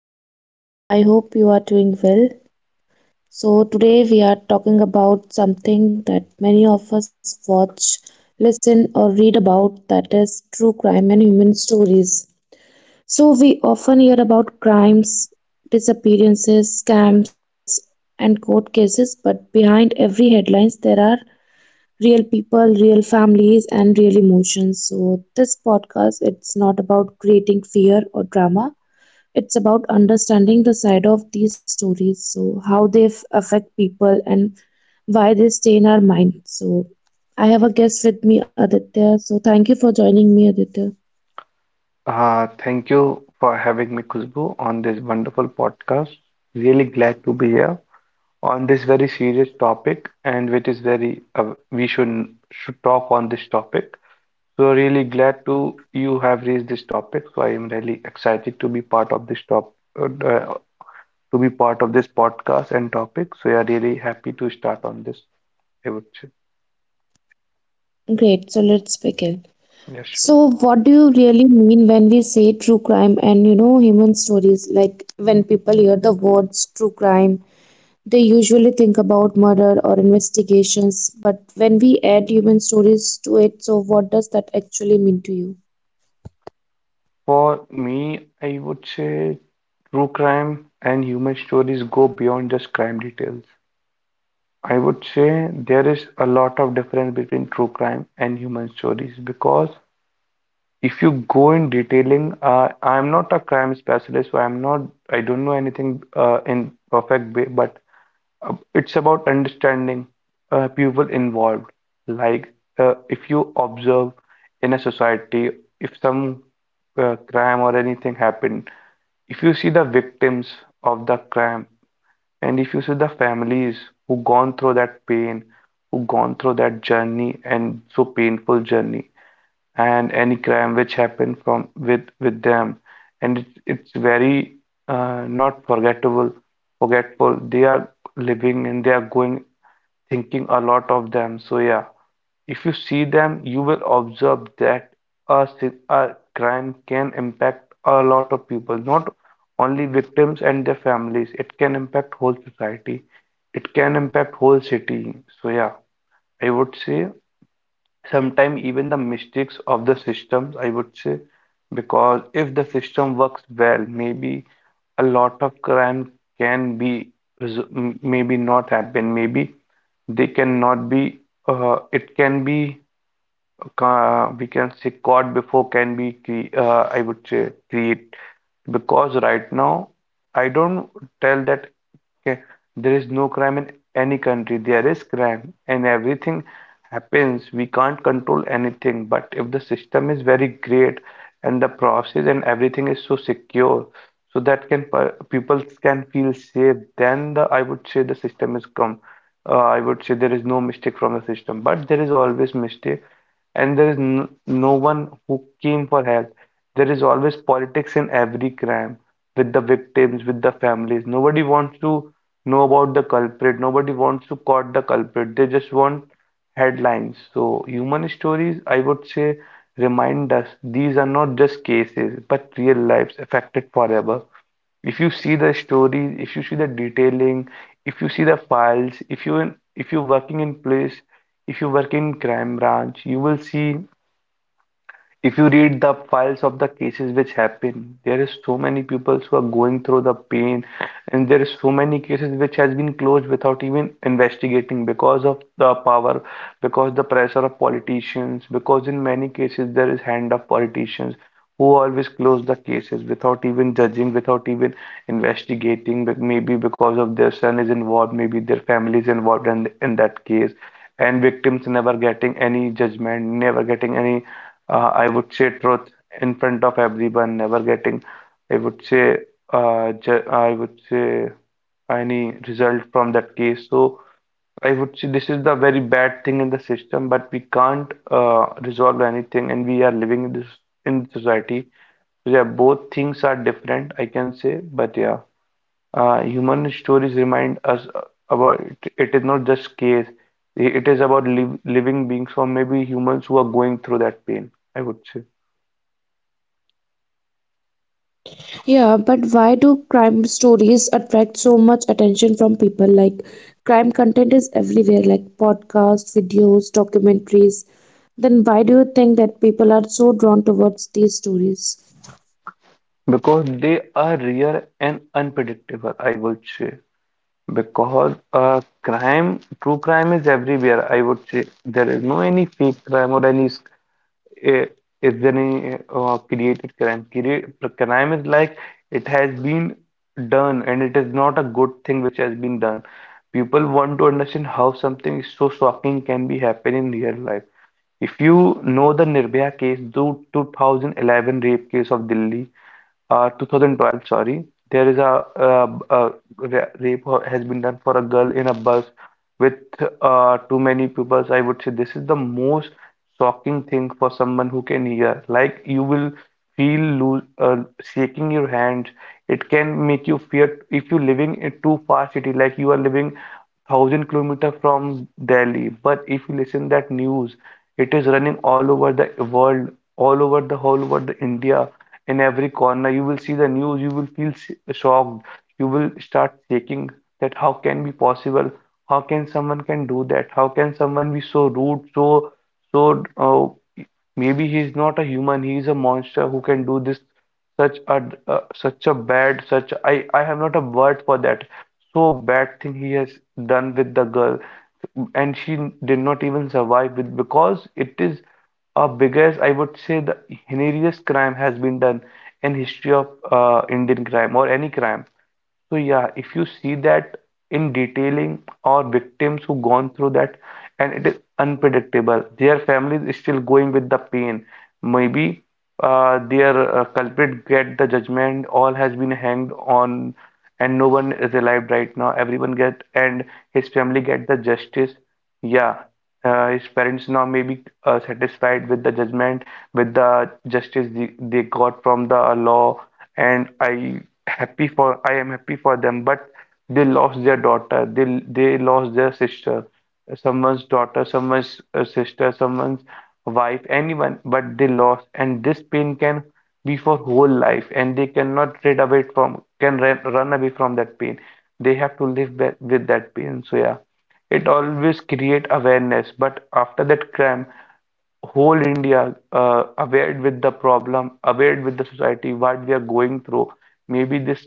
podcast. I hope you are doing well. So today we are talking about something that many of us watch, listen, or read about, that is true crime and human stories. So we often hear about crimes, disappearances, scams, and court cases, but behind every headlines there are real people, real families, and real emotions. So this podcast, it's not about creating fear or drama, it's about understanding the side of these stories, so how they affect people and why they stay in our mind. So I have a guest with me, Aditya, so thank you for joining me, Aditya. Thank you for having me, Khushbu, on this wonderful podcast. Really glad to be here on this very serious topic, and which is very we should talk on this topic. So really glad to you have raised this topic. So I am really excited to be part of this top uh, uh, to be part of this podcast and topic. So yeah, really happy to start on this. I would say. Great, so let's begin. Yes, So sure. what do you really mean when we say true crime and, you know, human stories? Like when people hear the words true crime, they usually think about murder or investigations, but when we add human stories to it, so what does that actually mean to you? For me, I would say true crime and human stories go beyond just crime details. I would say there is a lot of difference between true crime and human stories because if you go in detailing, I'm not a crime specialist, so I don't know anything in perfect way, but it's about understanding people involved. Like if you observe in a society, if some crime or anything happened, if you see the victims of the crime, and if you see the families who gone through that pain, who gone through that journey and so painful journey, and any crime which happened from with them, and it's very not forgettable forgetful they are living, and they are going thinking a lot of them. So yeah, if you see them, you will observe that a crime can impact a lot of people, not only victims and their families. It can impact whole society. It can impact whole city. So yeah, I would say sometimes even the mistakes of the systems, I would say, because if the system works well, maybe a lot of crime can be maybe not happen. Maybe they cannot be. It can be we can say caught before can be cre I would say create, because right now I don't tell that okay, there is no crime in any country, there is crime in everything happens, we can't control anything. But if the system is very great, and the process and everything is so secure, so that can people can feel safe, then the I would say the system is come. I would say there is no mistake from the system, but there is always mistake, and there is n no one who came for help. There is always politics in every crime, with the victims, with the families, nobody wants to know about the culprit, nobody wants to caught the culprit, they just want headlines. So, human stories, I would say, remind us these are not just cases, but real lives affected forever. If you see the stories, if you see the detailing, if you see the files, if you're working in police, if you work in crime branch, you will see if you read the files of the cases which happen, there is so many people who are going through the pain, and there is so many cases which has been closed without even investigating, because of the power, because the pressure of politicians, because in many cases there is hand of politicians who always close the cases without even judging, without even investigating, but maybe because of their son is involved, maybe their family is involved in that case, and victims never getting any judgment, never getting any I would say truth in front of everyone, never getting, I would say, I would say any result from that case. So I would say this is the very bad thing in the system, but we can't resolve anything, and we are living in this in society. Yeah, both things are different, I can say, but yeah, human stories remind us about it, it is not just case. It is about living beings or maybe humans who are going through that pain, I would say. Yeah, but why do crime stories attract so much attention from people? Like, crime content is everywhere, like podcasts, videos, documentaries. Then why do you think that people are so drawn towards these stories? Because they are rare and unpredictable, I would say. Because true crime is everywhere, I would say. There is no any fake crime or any eh, is there any created crime. Create, crime is like it has been done, and it is not a good thing which has been done. People want to understand how something so shocking can be happening in real life. If you know the Nirbhaya case, the 2011 rape case of Delhi, 2012, sorry, there is a rape has been done for a girl in a bus with too many pupils. I would say this is the most shocking thing for someone who can hear. Like you will feel loo shaking your hands. It can make you fear if you're living in too fast city, like you are living 1,000 kilometer from Delhi. But if you listen that news, it is running all over the world, all over the whole world, India in every corner. You will see the news, you will feel shocked, you will start shaking that how can be possible? How can someone can do that? How can someone be so rude, so maybe he is not a human, he is a monster who can do this such a such a bad, such I have not a word for that, so bad thing he has done with the girl, and she did not even survive with, because it is a biggest, I would say the heinous crime has been done in history of Indian crime or any crime. So yeah, if you see that in detailing, or victims who gone through that, and it is unpredictable. Their families is still going with the pain. Maybe their culprit get the judgment, all has been hanged on, and no one is alive right now. Everyone get, and his family get the justice. Yeah, his parents now may be satisfied with the judgment, with the justice they got from the law, and I happy for I am happy for them. But they lost their daughter, they lost their sister, someone's daughter, someone's sister, someone's wife, anyone. But they lost, and this pain can be for whole life, and they cannot rid away from run away from that pain. They have to live with that pain. So yeah, it always create awareness. But after that crime, whole India aware with the problem, aware with the society what we are going through. Maybe this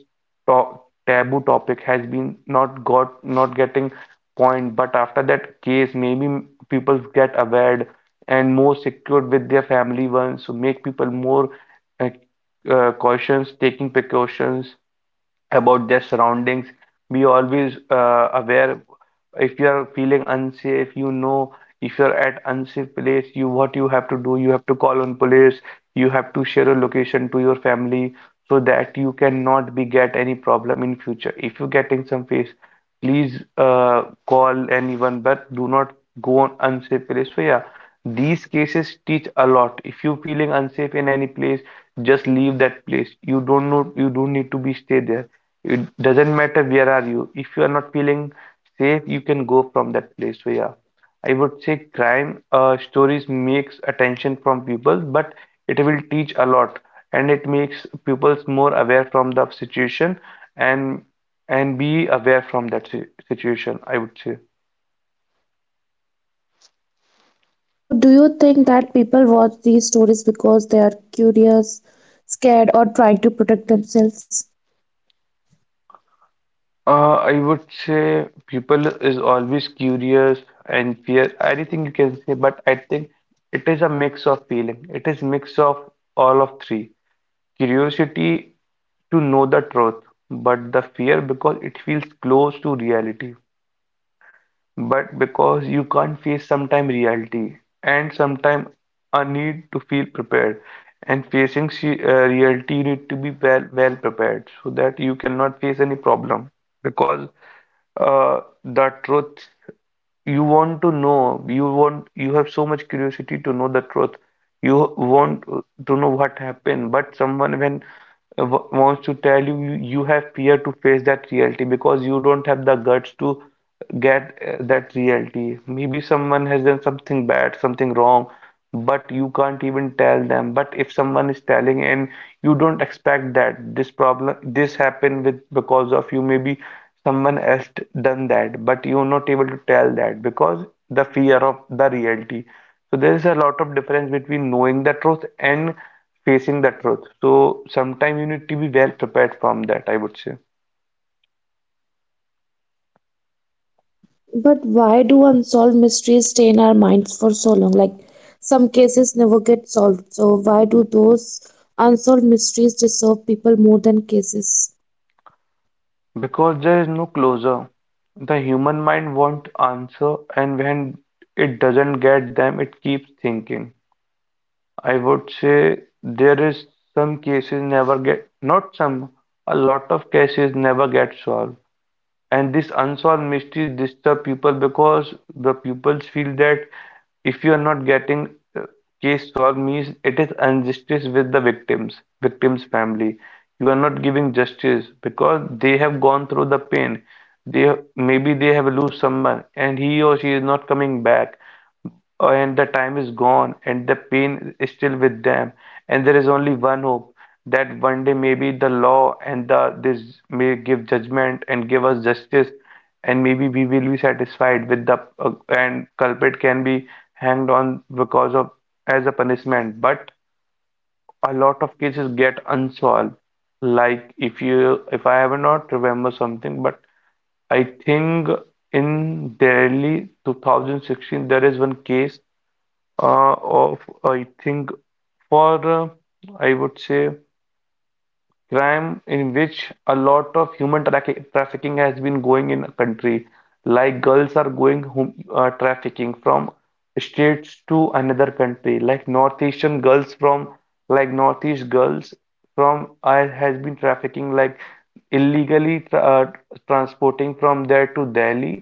to- taboo topic has been not getting point, but after that case maybe people get aware and more secured with their family ones, so make people more uh, cautious, taking precautions about their surroundings, be always aware. If you're feeling unsafe, you know, if you're at unsafe place, you what you have to do, you have to call on police, you have to share your location to your family, so that you cannot be get any problem in future. If you're getting some face, please call anyone, but do not go on unsafe place. So yeah, these cases teach a lot. If you're feeling unsafe in any place, just leave that place. You don't know, you don't need to be stay there. It doesn't matter where are you, if you are not feeling safe, you can go from that place. So yeah, I would say crime stories makes attention from people, but it will teach a lot, and it makes pupils more aware from the situation, and and be aware from that situation, I would say. So, do you think that people watch these stories because they are curious, scared, or trying to protect themselves? I would say people is always curious and fear, anything you can say, but I think it is a mix of feeling. It is mix of all of three. Curiosity to know the truth, but the fear because it feels close to reality. But because you can't face sometime reality, and sometime a need to feel prepared. And facing reality, you need to be well prepared so that you cannot face any problem because the truth you want to know, you want, you have so much curiosity to know the truth, you want to know what happened. But someone when wants to tell you, you have fear to face that reality because you don't have the guts to get that reality. Maybe someone has done something bad, something wrong, but you can't even tell them. But if someone is telling, and you don't expect that this problem, this happened with because of you, maybe someone else done that, but you're not able to tell that because the fear of the reality. So there is a lot of difference between knowing the truth and facing the truth, so sometimes you need to be well prepared from that, I would say. But why do unsolved mysteries stay in our minds for so long? Like, some cases never get solved. So why do those unsolved mysteries deserve people more than cases? Because there is no closure, the human mind wants answer, and when it doesn't get them, it keeps thinking. I would say there is some cases never get not some a lot of cases never get solved, and this unsolved mystery disturb people because the pupils feel that if you are not getting uh, case solved, means it is injustice with the victims, victims family. You are not giving justice because they have gone through the pain. They, maybe they have lose someone, and he or she is not coming back, and the time is gone and the pain is still with them. And there is only one hope that one day maybe the law and the this may give judgment and give us justice, and maybe we will be satisfied with the and culprit can be hanged on because of, as a punishment. But a lot of cases get unsolved. Like if you if I have not remember something, but I think in Delhi 2016 there is one case of, I think, for I would say crime in which a lot of human traffic trafficking has been going in a country. Like girls are going hum trafficking from states to another country. Like northeast girls from I has been trafficking, like illegally transporting from there to Delhi.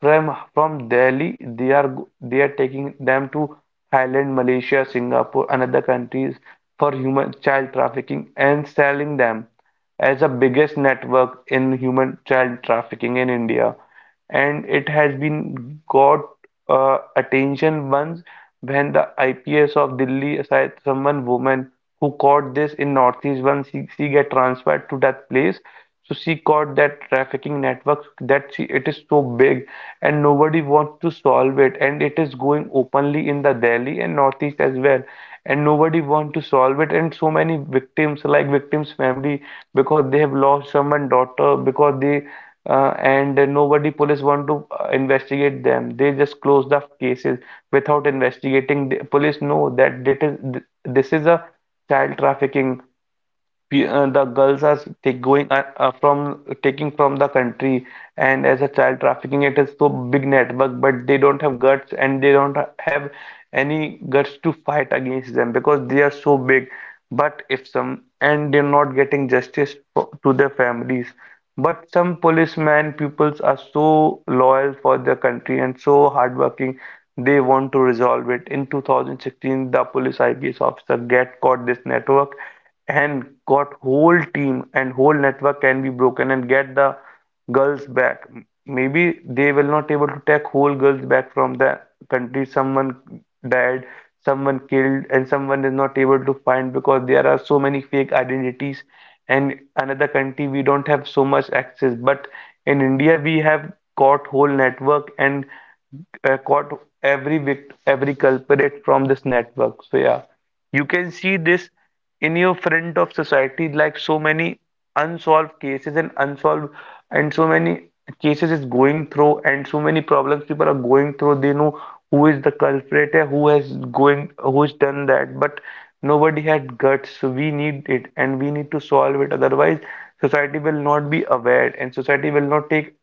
From from Delhi they are taking them to Thailand, Malaysia, Singapore and other countries for human child trafficking and selling them as the biggest network in human child trafficking in India. And it has been got attention once when the IPS of Delhi aside someone woman who caught this in Northeast. Once she get transferred to that place, so she caught that trafficking network, that she, it is so big and nobody wants to solve it, and it is going openly in the Delhi and Northeast as well. And nobody want to solve it, and so many victims, like victims family, because they have lost someone daughter. Because they and nobody police want to investigate them, they just close the cases without investigating. The police know that it is, this is a child trafficking, the girls are going from taking from the country. And as a child trafficking, it is so big network, but they don't have guts, and they don't have any guts to fight against them because they are so big. But if some, and they're not getting justice for, to their families. But some policemen peoples are so loyal for their country and so hardworking, they want to resolve it. In 2016, the police IPS officer get caught this network and got whole team, and whole network can be broken and get the girls back. Maybe they will not able to take whole girls back from the country. Someone died, someone killed, and someone is not able to find because there are so many fake identities. And another country we don't have so much access. But in India we have caught whole network and caught every culprit from this network. So yeah. You can see this in your front of society, like so many unsolved cases and unsolved, and so many cases is going through, and so many problems people are going through. They know who is the culprit, who has going, who has done that, but nobody had guts. So we need it and we need to solve it, otherwise society will not be aware and society will not take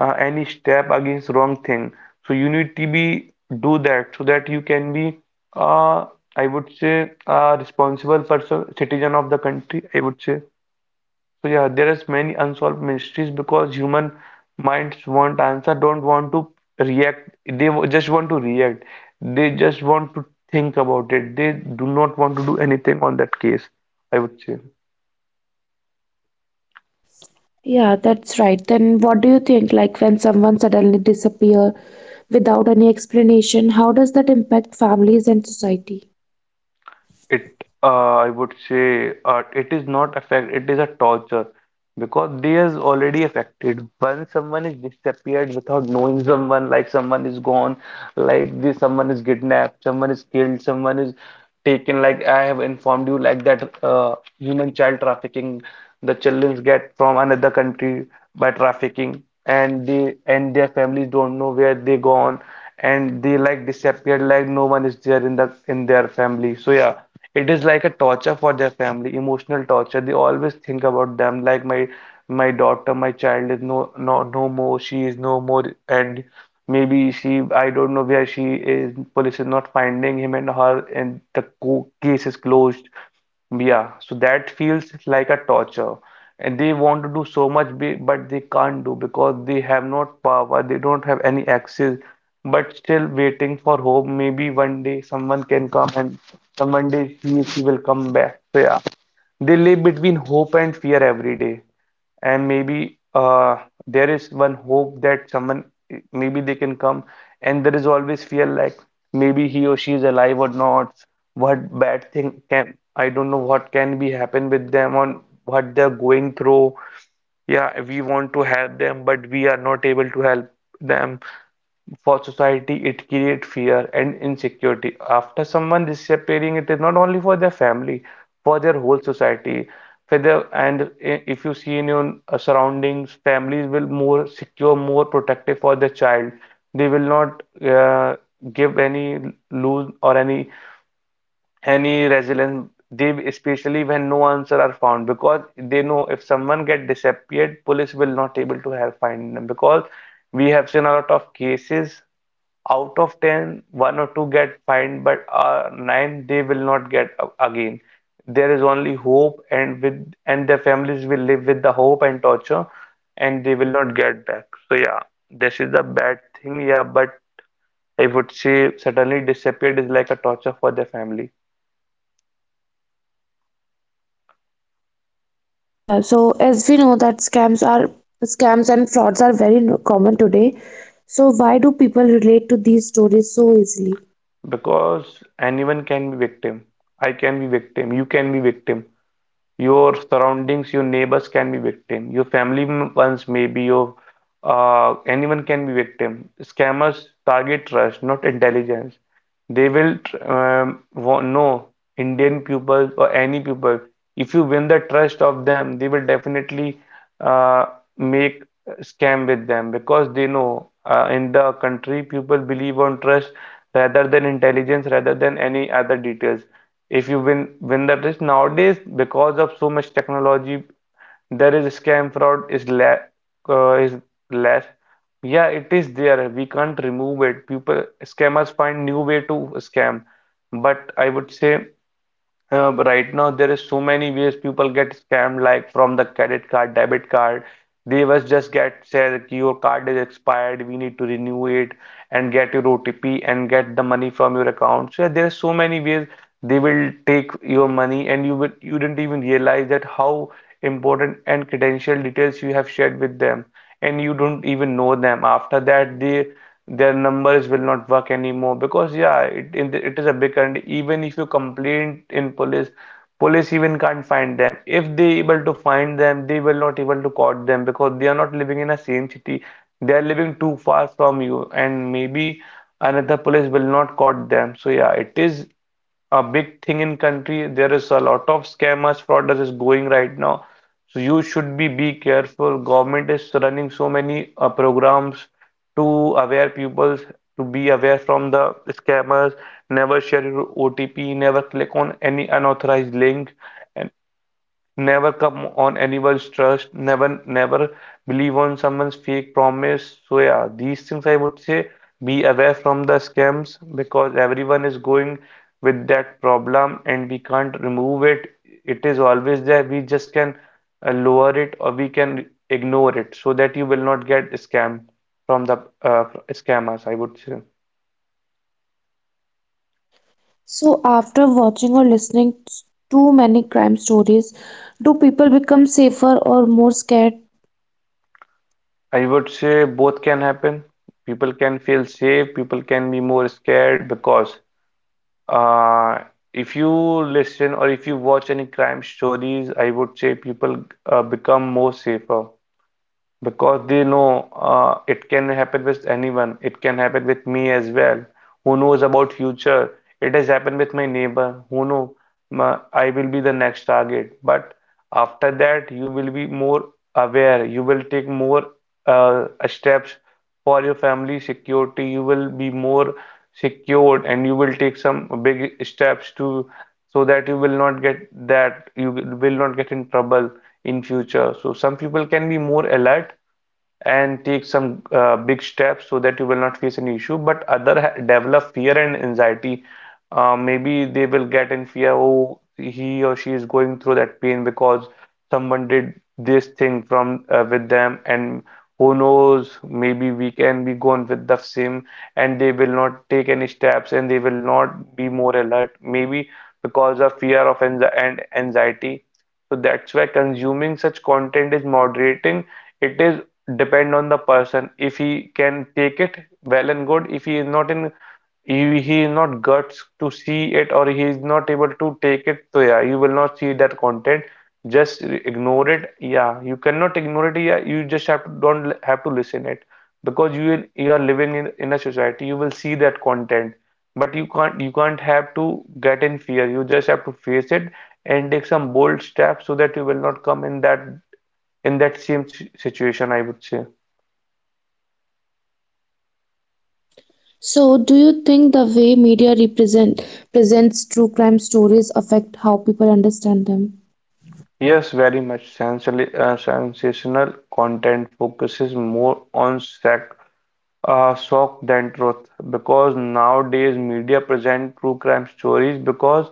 any step against wrong thing. So you need to be do that, so that you can be uh, I would say a responsible person, citizen of the country, I would say. So yeah, there is many unsolved mysteries because human minds want answer, don't want to react. They just want to react. They just want to think about it. They do not want to do anything on that case, I would say. Yeah, that's right. Then what do you think? Like when someone suddenly disappear without any explanation, how does that impact families and society? It I would say, it is not affect, it is a torture, because they is already affected when someone is disappeared without knowing. Someone like someone is gone, like this, someone is kidnapped, someone is killed, someone is taken, like I have informed you, like that human child trafficking. The children get from another country by trafficking, and they, and their families don't know where they gone, and they like disappeared, like no one is there in the in their family. So yeah, it is like a torture for their family, emotional torture. They always think about them, like my daughter, my child is no more. She is no more, and maybe she, I don't know where she is. Police is not finding him and her, and the co case is closed. Yeah, so that feels like a torture. And they want to do so much, but they can't do because they have not power, they don't have any access, but still waiting for hope. Maybe one day someone can come, and some one day he will come back. So yeah, they live between hope and fear every day. And maybe there is one hope that someone, maybe they can come, and there is always fear, like maybe he or she is alive or not. What bad thing can, I don't know what can be happen with them, on what they're going through. Yeah, we want to help them, but we are not able to help them. For society, it creates fear and insecurity after someone disappearing. It is not only for their family, for their whole society, and if you see in your surroundings, families will more secure, more protective for their child. They will not uh, give any lose or any resilience, they, especially when no answer are found, because they know if someone get disappeared, police will not able to help find them. Because we have seen a lot of cases, out of ten, one or two get fined, but nine they will not get again. There is only hope, and with, and their families will live with the hope and torture, and they will not get back. So yeah, this is the bad thing, yeah. But I would say suddenly disappeared is like a torture for their family. Yeah, so as we know that scams are, scams and frauds are very no- common today. So why do people relate to these stories so easily? Because anyone can be victim. I can be victim, you can be victim, your surroundings, your neighbors can be victim, your ones, maybe your anyone can be victim. Scammers target trust, not intelligence. They will know Indian pupils or any pupil. If you win the trust of them, they will definitely uh, make scam with them, because they know, in the country people believe on trust rather than intelligence, rather than any other details. If you win the trust, nowadays because of so much technology, there is scam, fraud is la is less. Yeah, it is there, we can't remove it. People, scammers find new way to scam. But I would say, but right now there is so many ways people get scammed, like from the credit card, debit card. They was just get said your card is expired, we need to renew it and get your OTP and get the money from your account. So yeah, there are so many ways they will take your money, and you will, you didn't even realize that how important and credential details you have shared with them, and you don't even know them. After that, they their numbers will not work anymore. Because yeah, it is a big country. Even if you complain in police, police even can't find them. If they able to find them, they will not able to caught them, because they are not living in a same city, they are living too far from you, and maybe another police will not caught them. So yeah, it is a big thing in country. There is a lot of scammers, fraud is going right now. So you should be careful. Government is running so many programs to aware peoples to be aware from the scammers. Never share your OTP. Never click on any unauthorized link. And never come on anyone's trust. Never believe on someone's fake promise. So yeah, these things, I would say, be aware from the scams, because everyone is going with that problem, and we can't remove it. It is always there. We just can lower it or we can ignore it, so that you will not get scammed from the scammers, I would say. So after watching or listening too many crime stories, do people become safer or more scared? I would say both can happen. People can feel safe, people can be more scared because Uh, if you listen or if you watch any crime stories, I would say people become more safer because they know, it can happen with anyone, it can happen with me as well. Who knows about future? It has happened with my neighbor who know my, I will be the next target. But after that you will be more aware, you will take more steps for your family security. You will be more secured and you will take some big steps to so that you will not get in trouble in future. So some people can be more alert and take some big steps so that you will not face any issue, but other develop fear and anxiety. Maybe they will get in fear. Oh, he or she is going through that pain because someone did this thing from with them, and who knows, maybe we can be gone with the same. And they will not take any steps and they will not be more alert, maybe because of fear of and anxiety. So that's why consuming such content is moderating. It is depend on the person. If he can take it, well and good. If he is not in, he is not guts to see it, or he is not able to take it, so yeah, you will not see that content. Just ignore it. Yeah, you cannot ignore it. Yeah, you just have to don't have to listen it, because you are living in a society. You will see that content, but you can't have to get in fear. You just have to face it and take some bold steps so that you will not come in that same situation, I would say. So do you think the way media represent presents true crime stories affect how people understand them? Yes, very much. Sensational content focuses more on sac shock than truth, because nowadays media present true crime stories because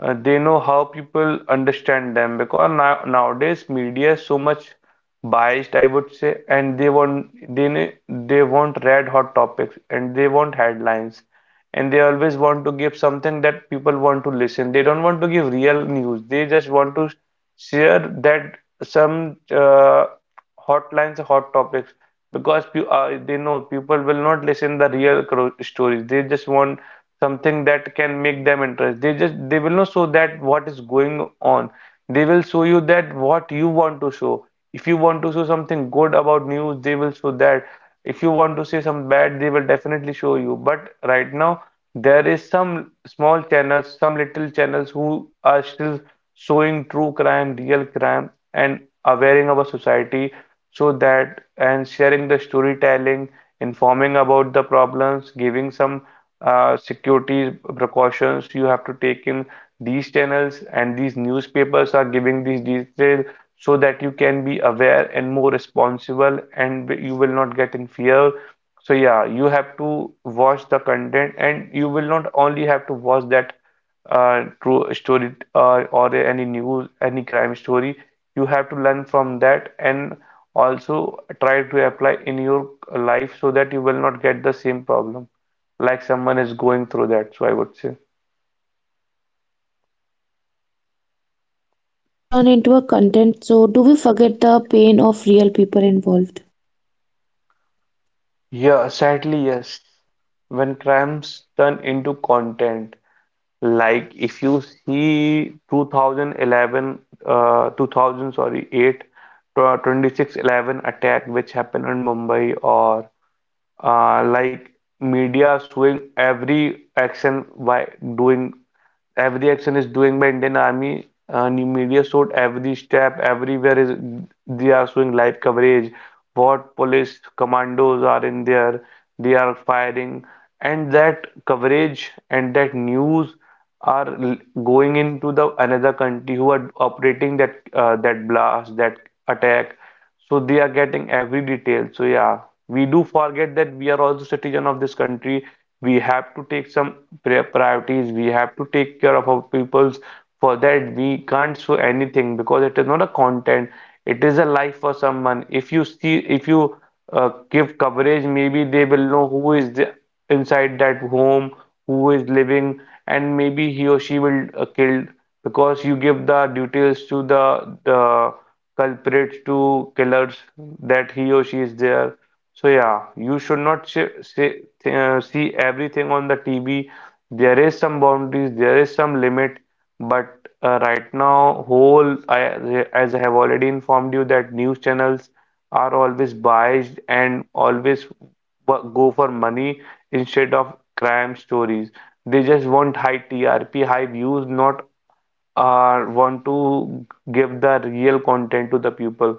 they know how people understand them, because now nowadays media is so much biased, I would say, and they ne- they want red hot topics and they want headlines, and they always want to give something that people want to listen, they don't want to give real news. They just want to share that some hot topics, because they know people will not listen the real stories. They just want something that can make them interest. They will not show that what is going on. They will show you that what you want to show. If you want to show something good about news, they will show that. If you want to say some bad, they will definitely show you. But right now, there is some small channels, some little channels who are still showing true crime, real crime, and awareing our society, so that and sharing the storytelling, informing about the problems, giving some security precautions you have to take. In these channels and these newspapers are giving these details so that you can be aware and more responsible and you will not get in fear. So yeah, you have to watch the content and you will not only have to watch that true story or any news, any crime story. You have to learn from that and also try to apply in your life so that you will not get the same problem like someone is going through that, so I would say. So when crimes turn into a content, so do we forget the pain of real people involved? Yeah, sadly, yes. When crimes turn into content, like if you see 2011, 2000, sorry, 8, 26/11 attack which happened in Mumbai, or like media showing every action by doing every action is doing by Indian Army. New media showed every step, everywhere is they are showing live coverage. What police commandos are in there, they are firing, and that coverage and that news are l- going into the another country who are operating that blast, that attack. So they are getting every detail. So yeah, we do forget that we are also citizen of this country. We have to take some priorities. We have to take care of our peoples. For that, we can't show anything because it is not a content. It is a life for someone. If you give coverage, maybe they will know who is the, inside that home, who is living, and maybe he or she will killed, because you give the details to the culprits to killers that he or she is there. So yeah, you should not see everything on the TV. There is some boundaries, there is some limit, but right now, as I have already informed you that news channels are always biased and always go for money instead of crime stories. They just want high TRP, high views, not are want to give the real content to the people,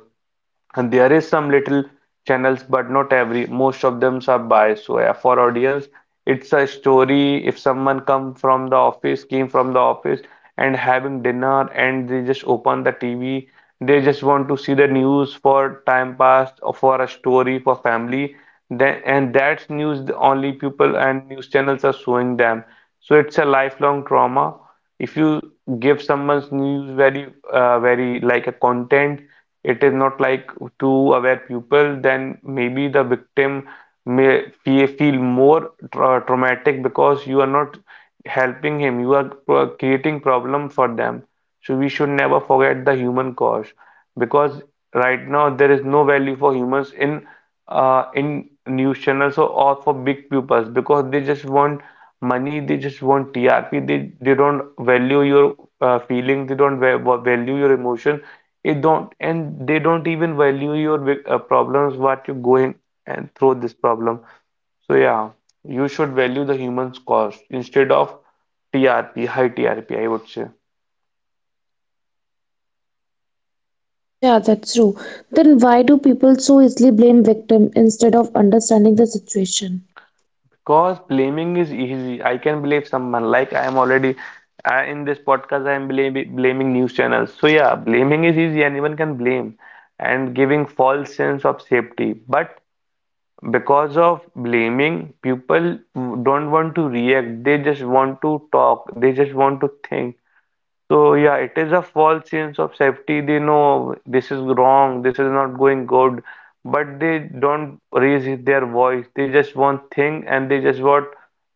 and there is some little channels, but not every most of them are biased. So yeah, for audience, it's a story. If someone come from the office came from the office and having dinner and they just open the TV, they just want to see the news for time past, or for a story for family then, and that's news the only people and news channels are showing them. So it's a lifelong trauma. If you give someone's news very very like a content, it is not like to aware people, then maybe the victim may feel more traumatic because you are not helping him, you are creating problem for them. So we should never forget the human cost, because right now there is no value for humans in news channels, or for big pupils, because they just want money, they just want TRP, they don't value your feelings, they don't value your emotion. It don't, and they don't even value your problems what you're going and through this problem. So yeah, you should value the human's cost instead of TRP, high TRP, I would say. Yeah, that's true. Then why do people so easily blame victim instead of understanding the situation? Cause blaming is easy. I can blame someone. Like I am already in this podcast. I am blaming news channels. So yeah, blaming is easy. Anyone can blame, and giving false sense of safety. But because of blaming, people don't want to react. They just want to talk. They just want to think. So yeah, it is a false sense of safety. They know this is wrong, this is not going good, but they don't raise their voice. They just want thing and they just want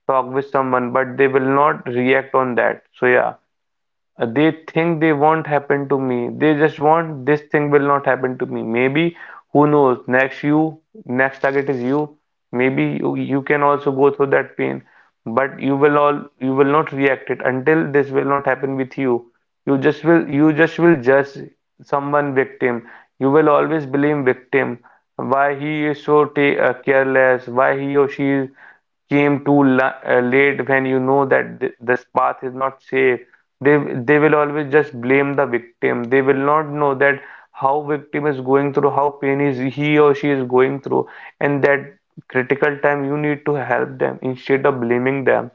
talk with someone, but they will not react on that. So yeah, they think they won't happen to me, they just want this thing will not happen to me. Maybe who knows, next target is you, maybe you can also go through that pain, but you will not react it until this will not happen with you. You just will judge someone victim. You will always blame victim, why he is so careless, why he or she came too late when you know that this path is not safe. They they will always just blame the victim. They will not know that how victim is going through, how pain is he or she is going through, and that critical time you need to help them instead of blaming them.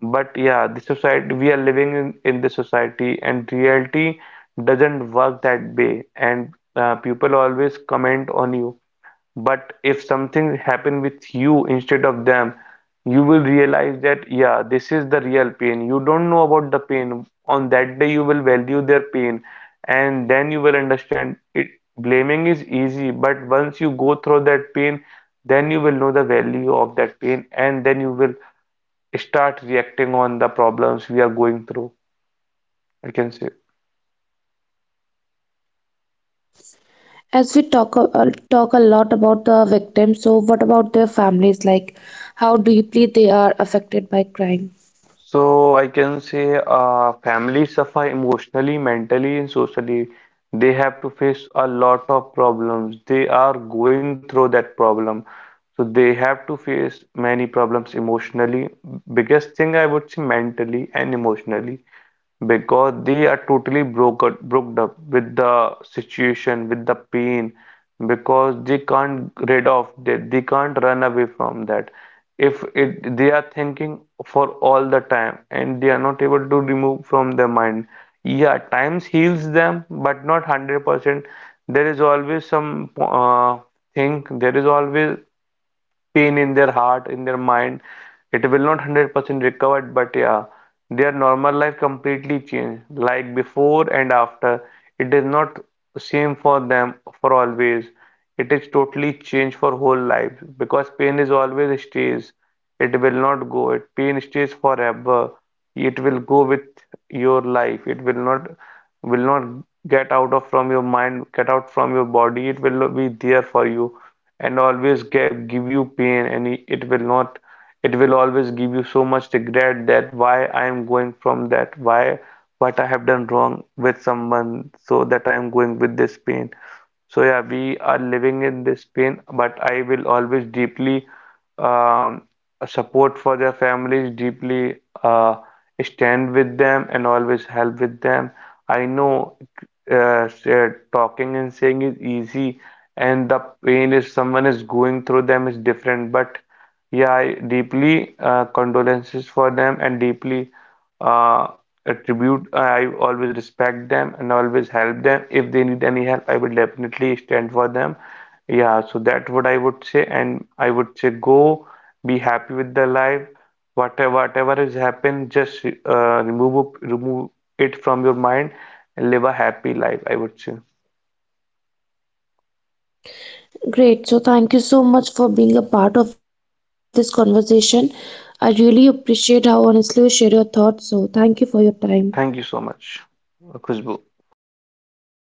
But yeah, the society we are living in this society, and reality doesn't work that way. And people always comment on you, but if something happen with you instead of them, you will realize that yeah, this is the real pain. You don't know about the pain. On that day, you will value their pain, and then you will understand it. Blaming is easy, but once you go through that pain, then you will know the value of that pain, and then you will start reacting on the problems we are going through, I can say. As we talk a lot about the victims, so what about their families? Like, how deeply they are affected by crime? So I can say families suffer emotionally, mentally, and socially. They have to face a lot of problems. They are going through that problem. So they have to face many problems emotionally. Biggest thing, I would say, mentally and emotionally, because they are totally broke up with the situation, with the pain, because they can't rid of that, they can't run away from that, if it they are thinking for all the time and they are not able to remove from their mind. Yeah, times heals them, but not 100%. There is always some thing, there is always pain in their heart, in their mind. It will not 100% recovered, but yeah, their normal life completely changed, like before and after. It is not same for them for always. It is totally changed for whole life because pain is always stays. It will not go. It pain stays forever. It will go with your life. It will not get out of from your mind, get out from your body. It will be there for you and always give you pain, and it will not it will always give you so much regret, that why I am going from that, why what I have done wrong with someone so that I am going with this pain. So yeah, we are living in this pain, but I will always deeply um, support for their families, deeply uh, stand with them, and always help with them. I know talking and saying is easy, and the pain is someone is going through them is different. But yeah, I deeply condolences for them, and deeply, uh, Attribute. I always respect them and always help them. If they need any help, I will definitely stand for them. Yeah, so that's what I would say. And I would say go, be happy with the life. Whatever has happened, just remove it from your mind and live a happy life, I would say. Great. So thank you so much for being a part of this conversation. I really appreciate how honestly you share your thoughts. So thank you for your Thank time. you so much, Khushbu, for this wonderful podcast.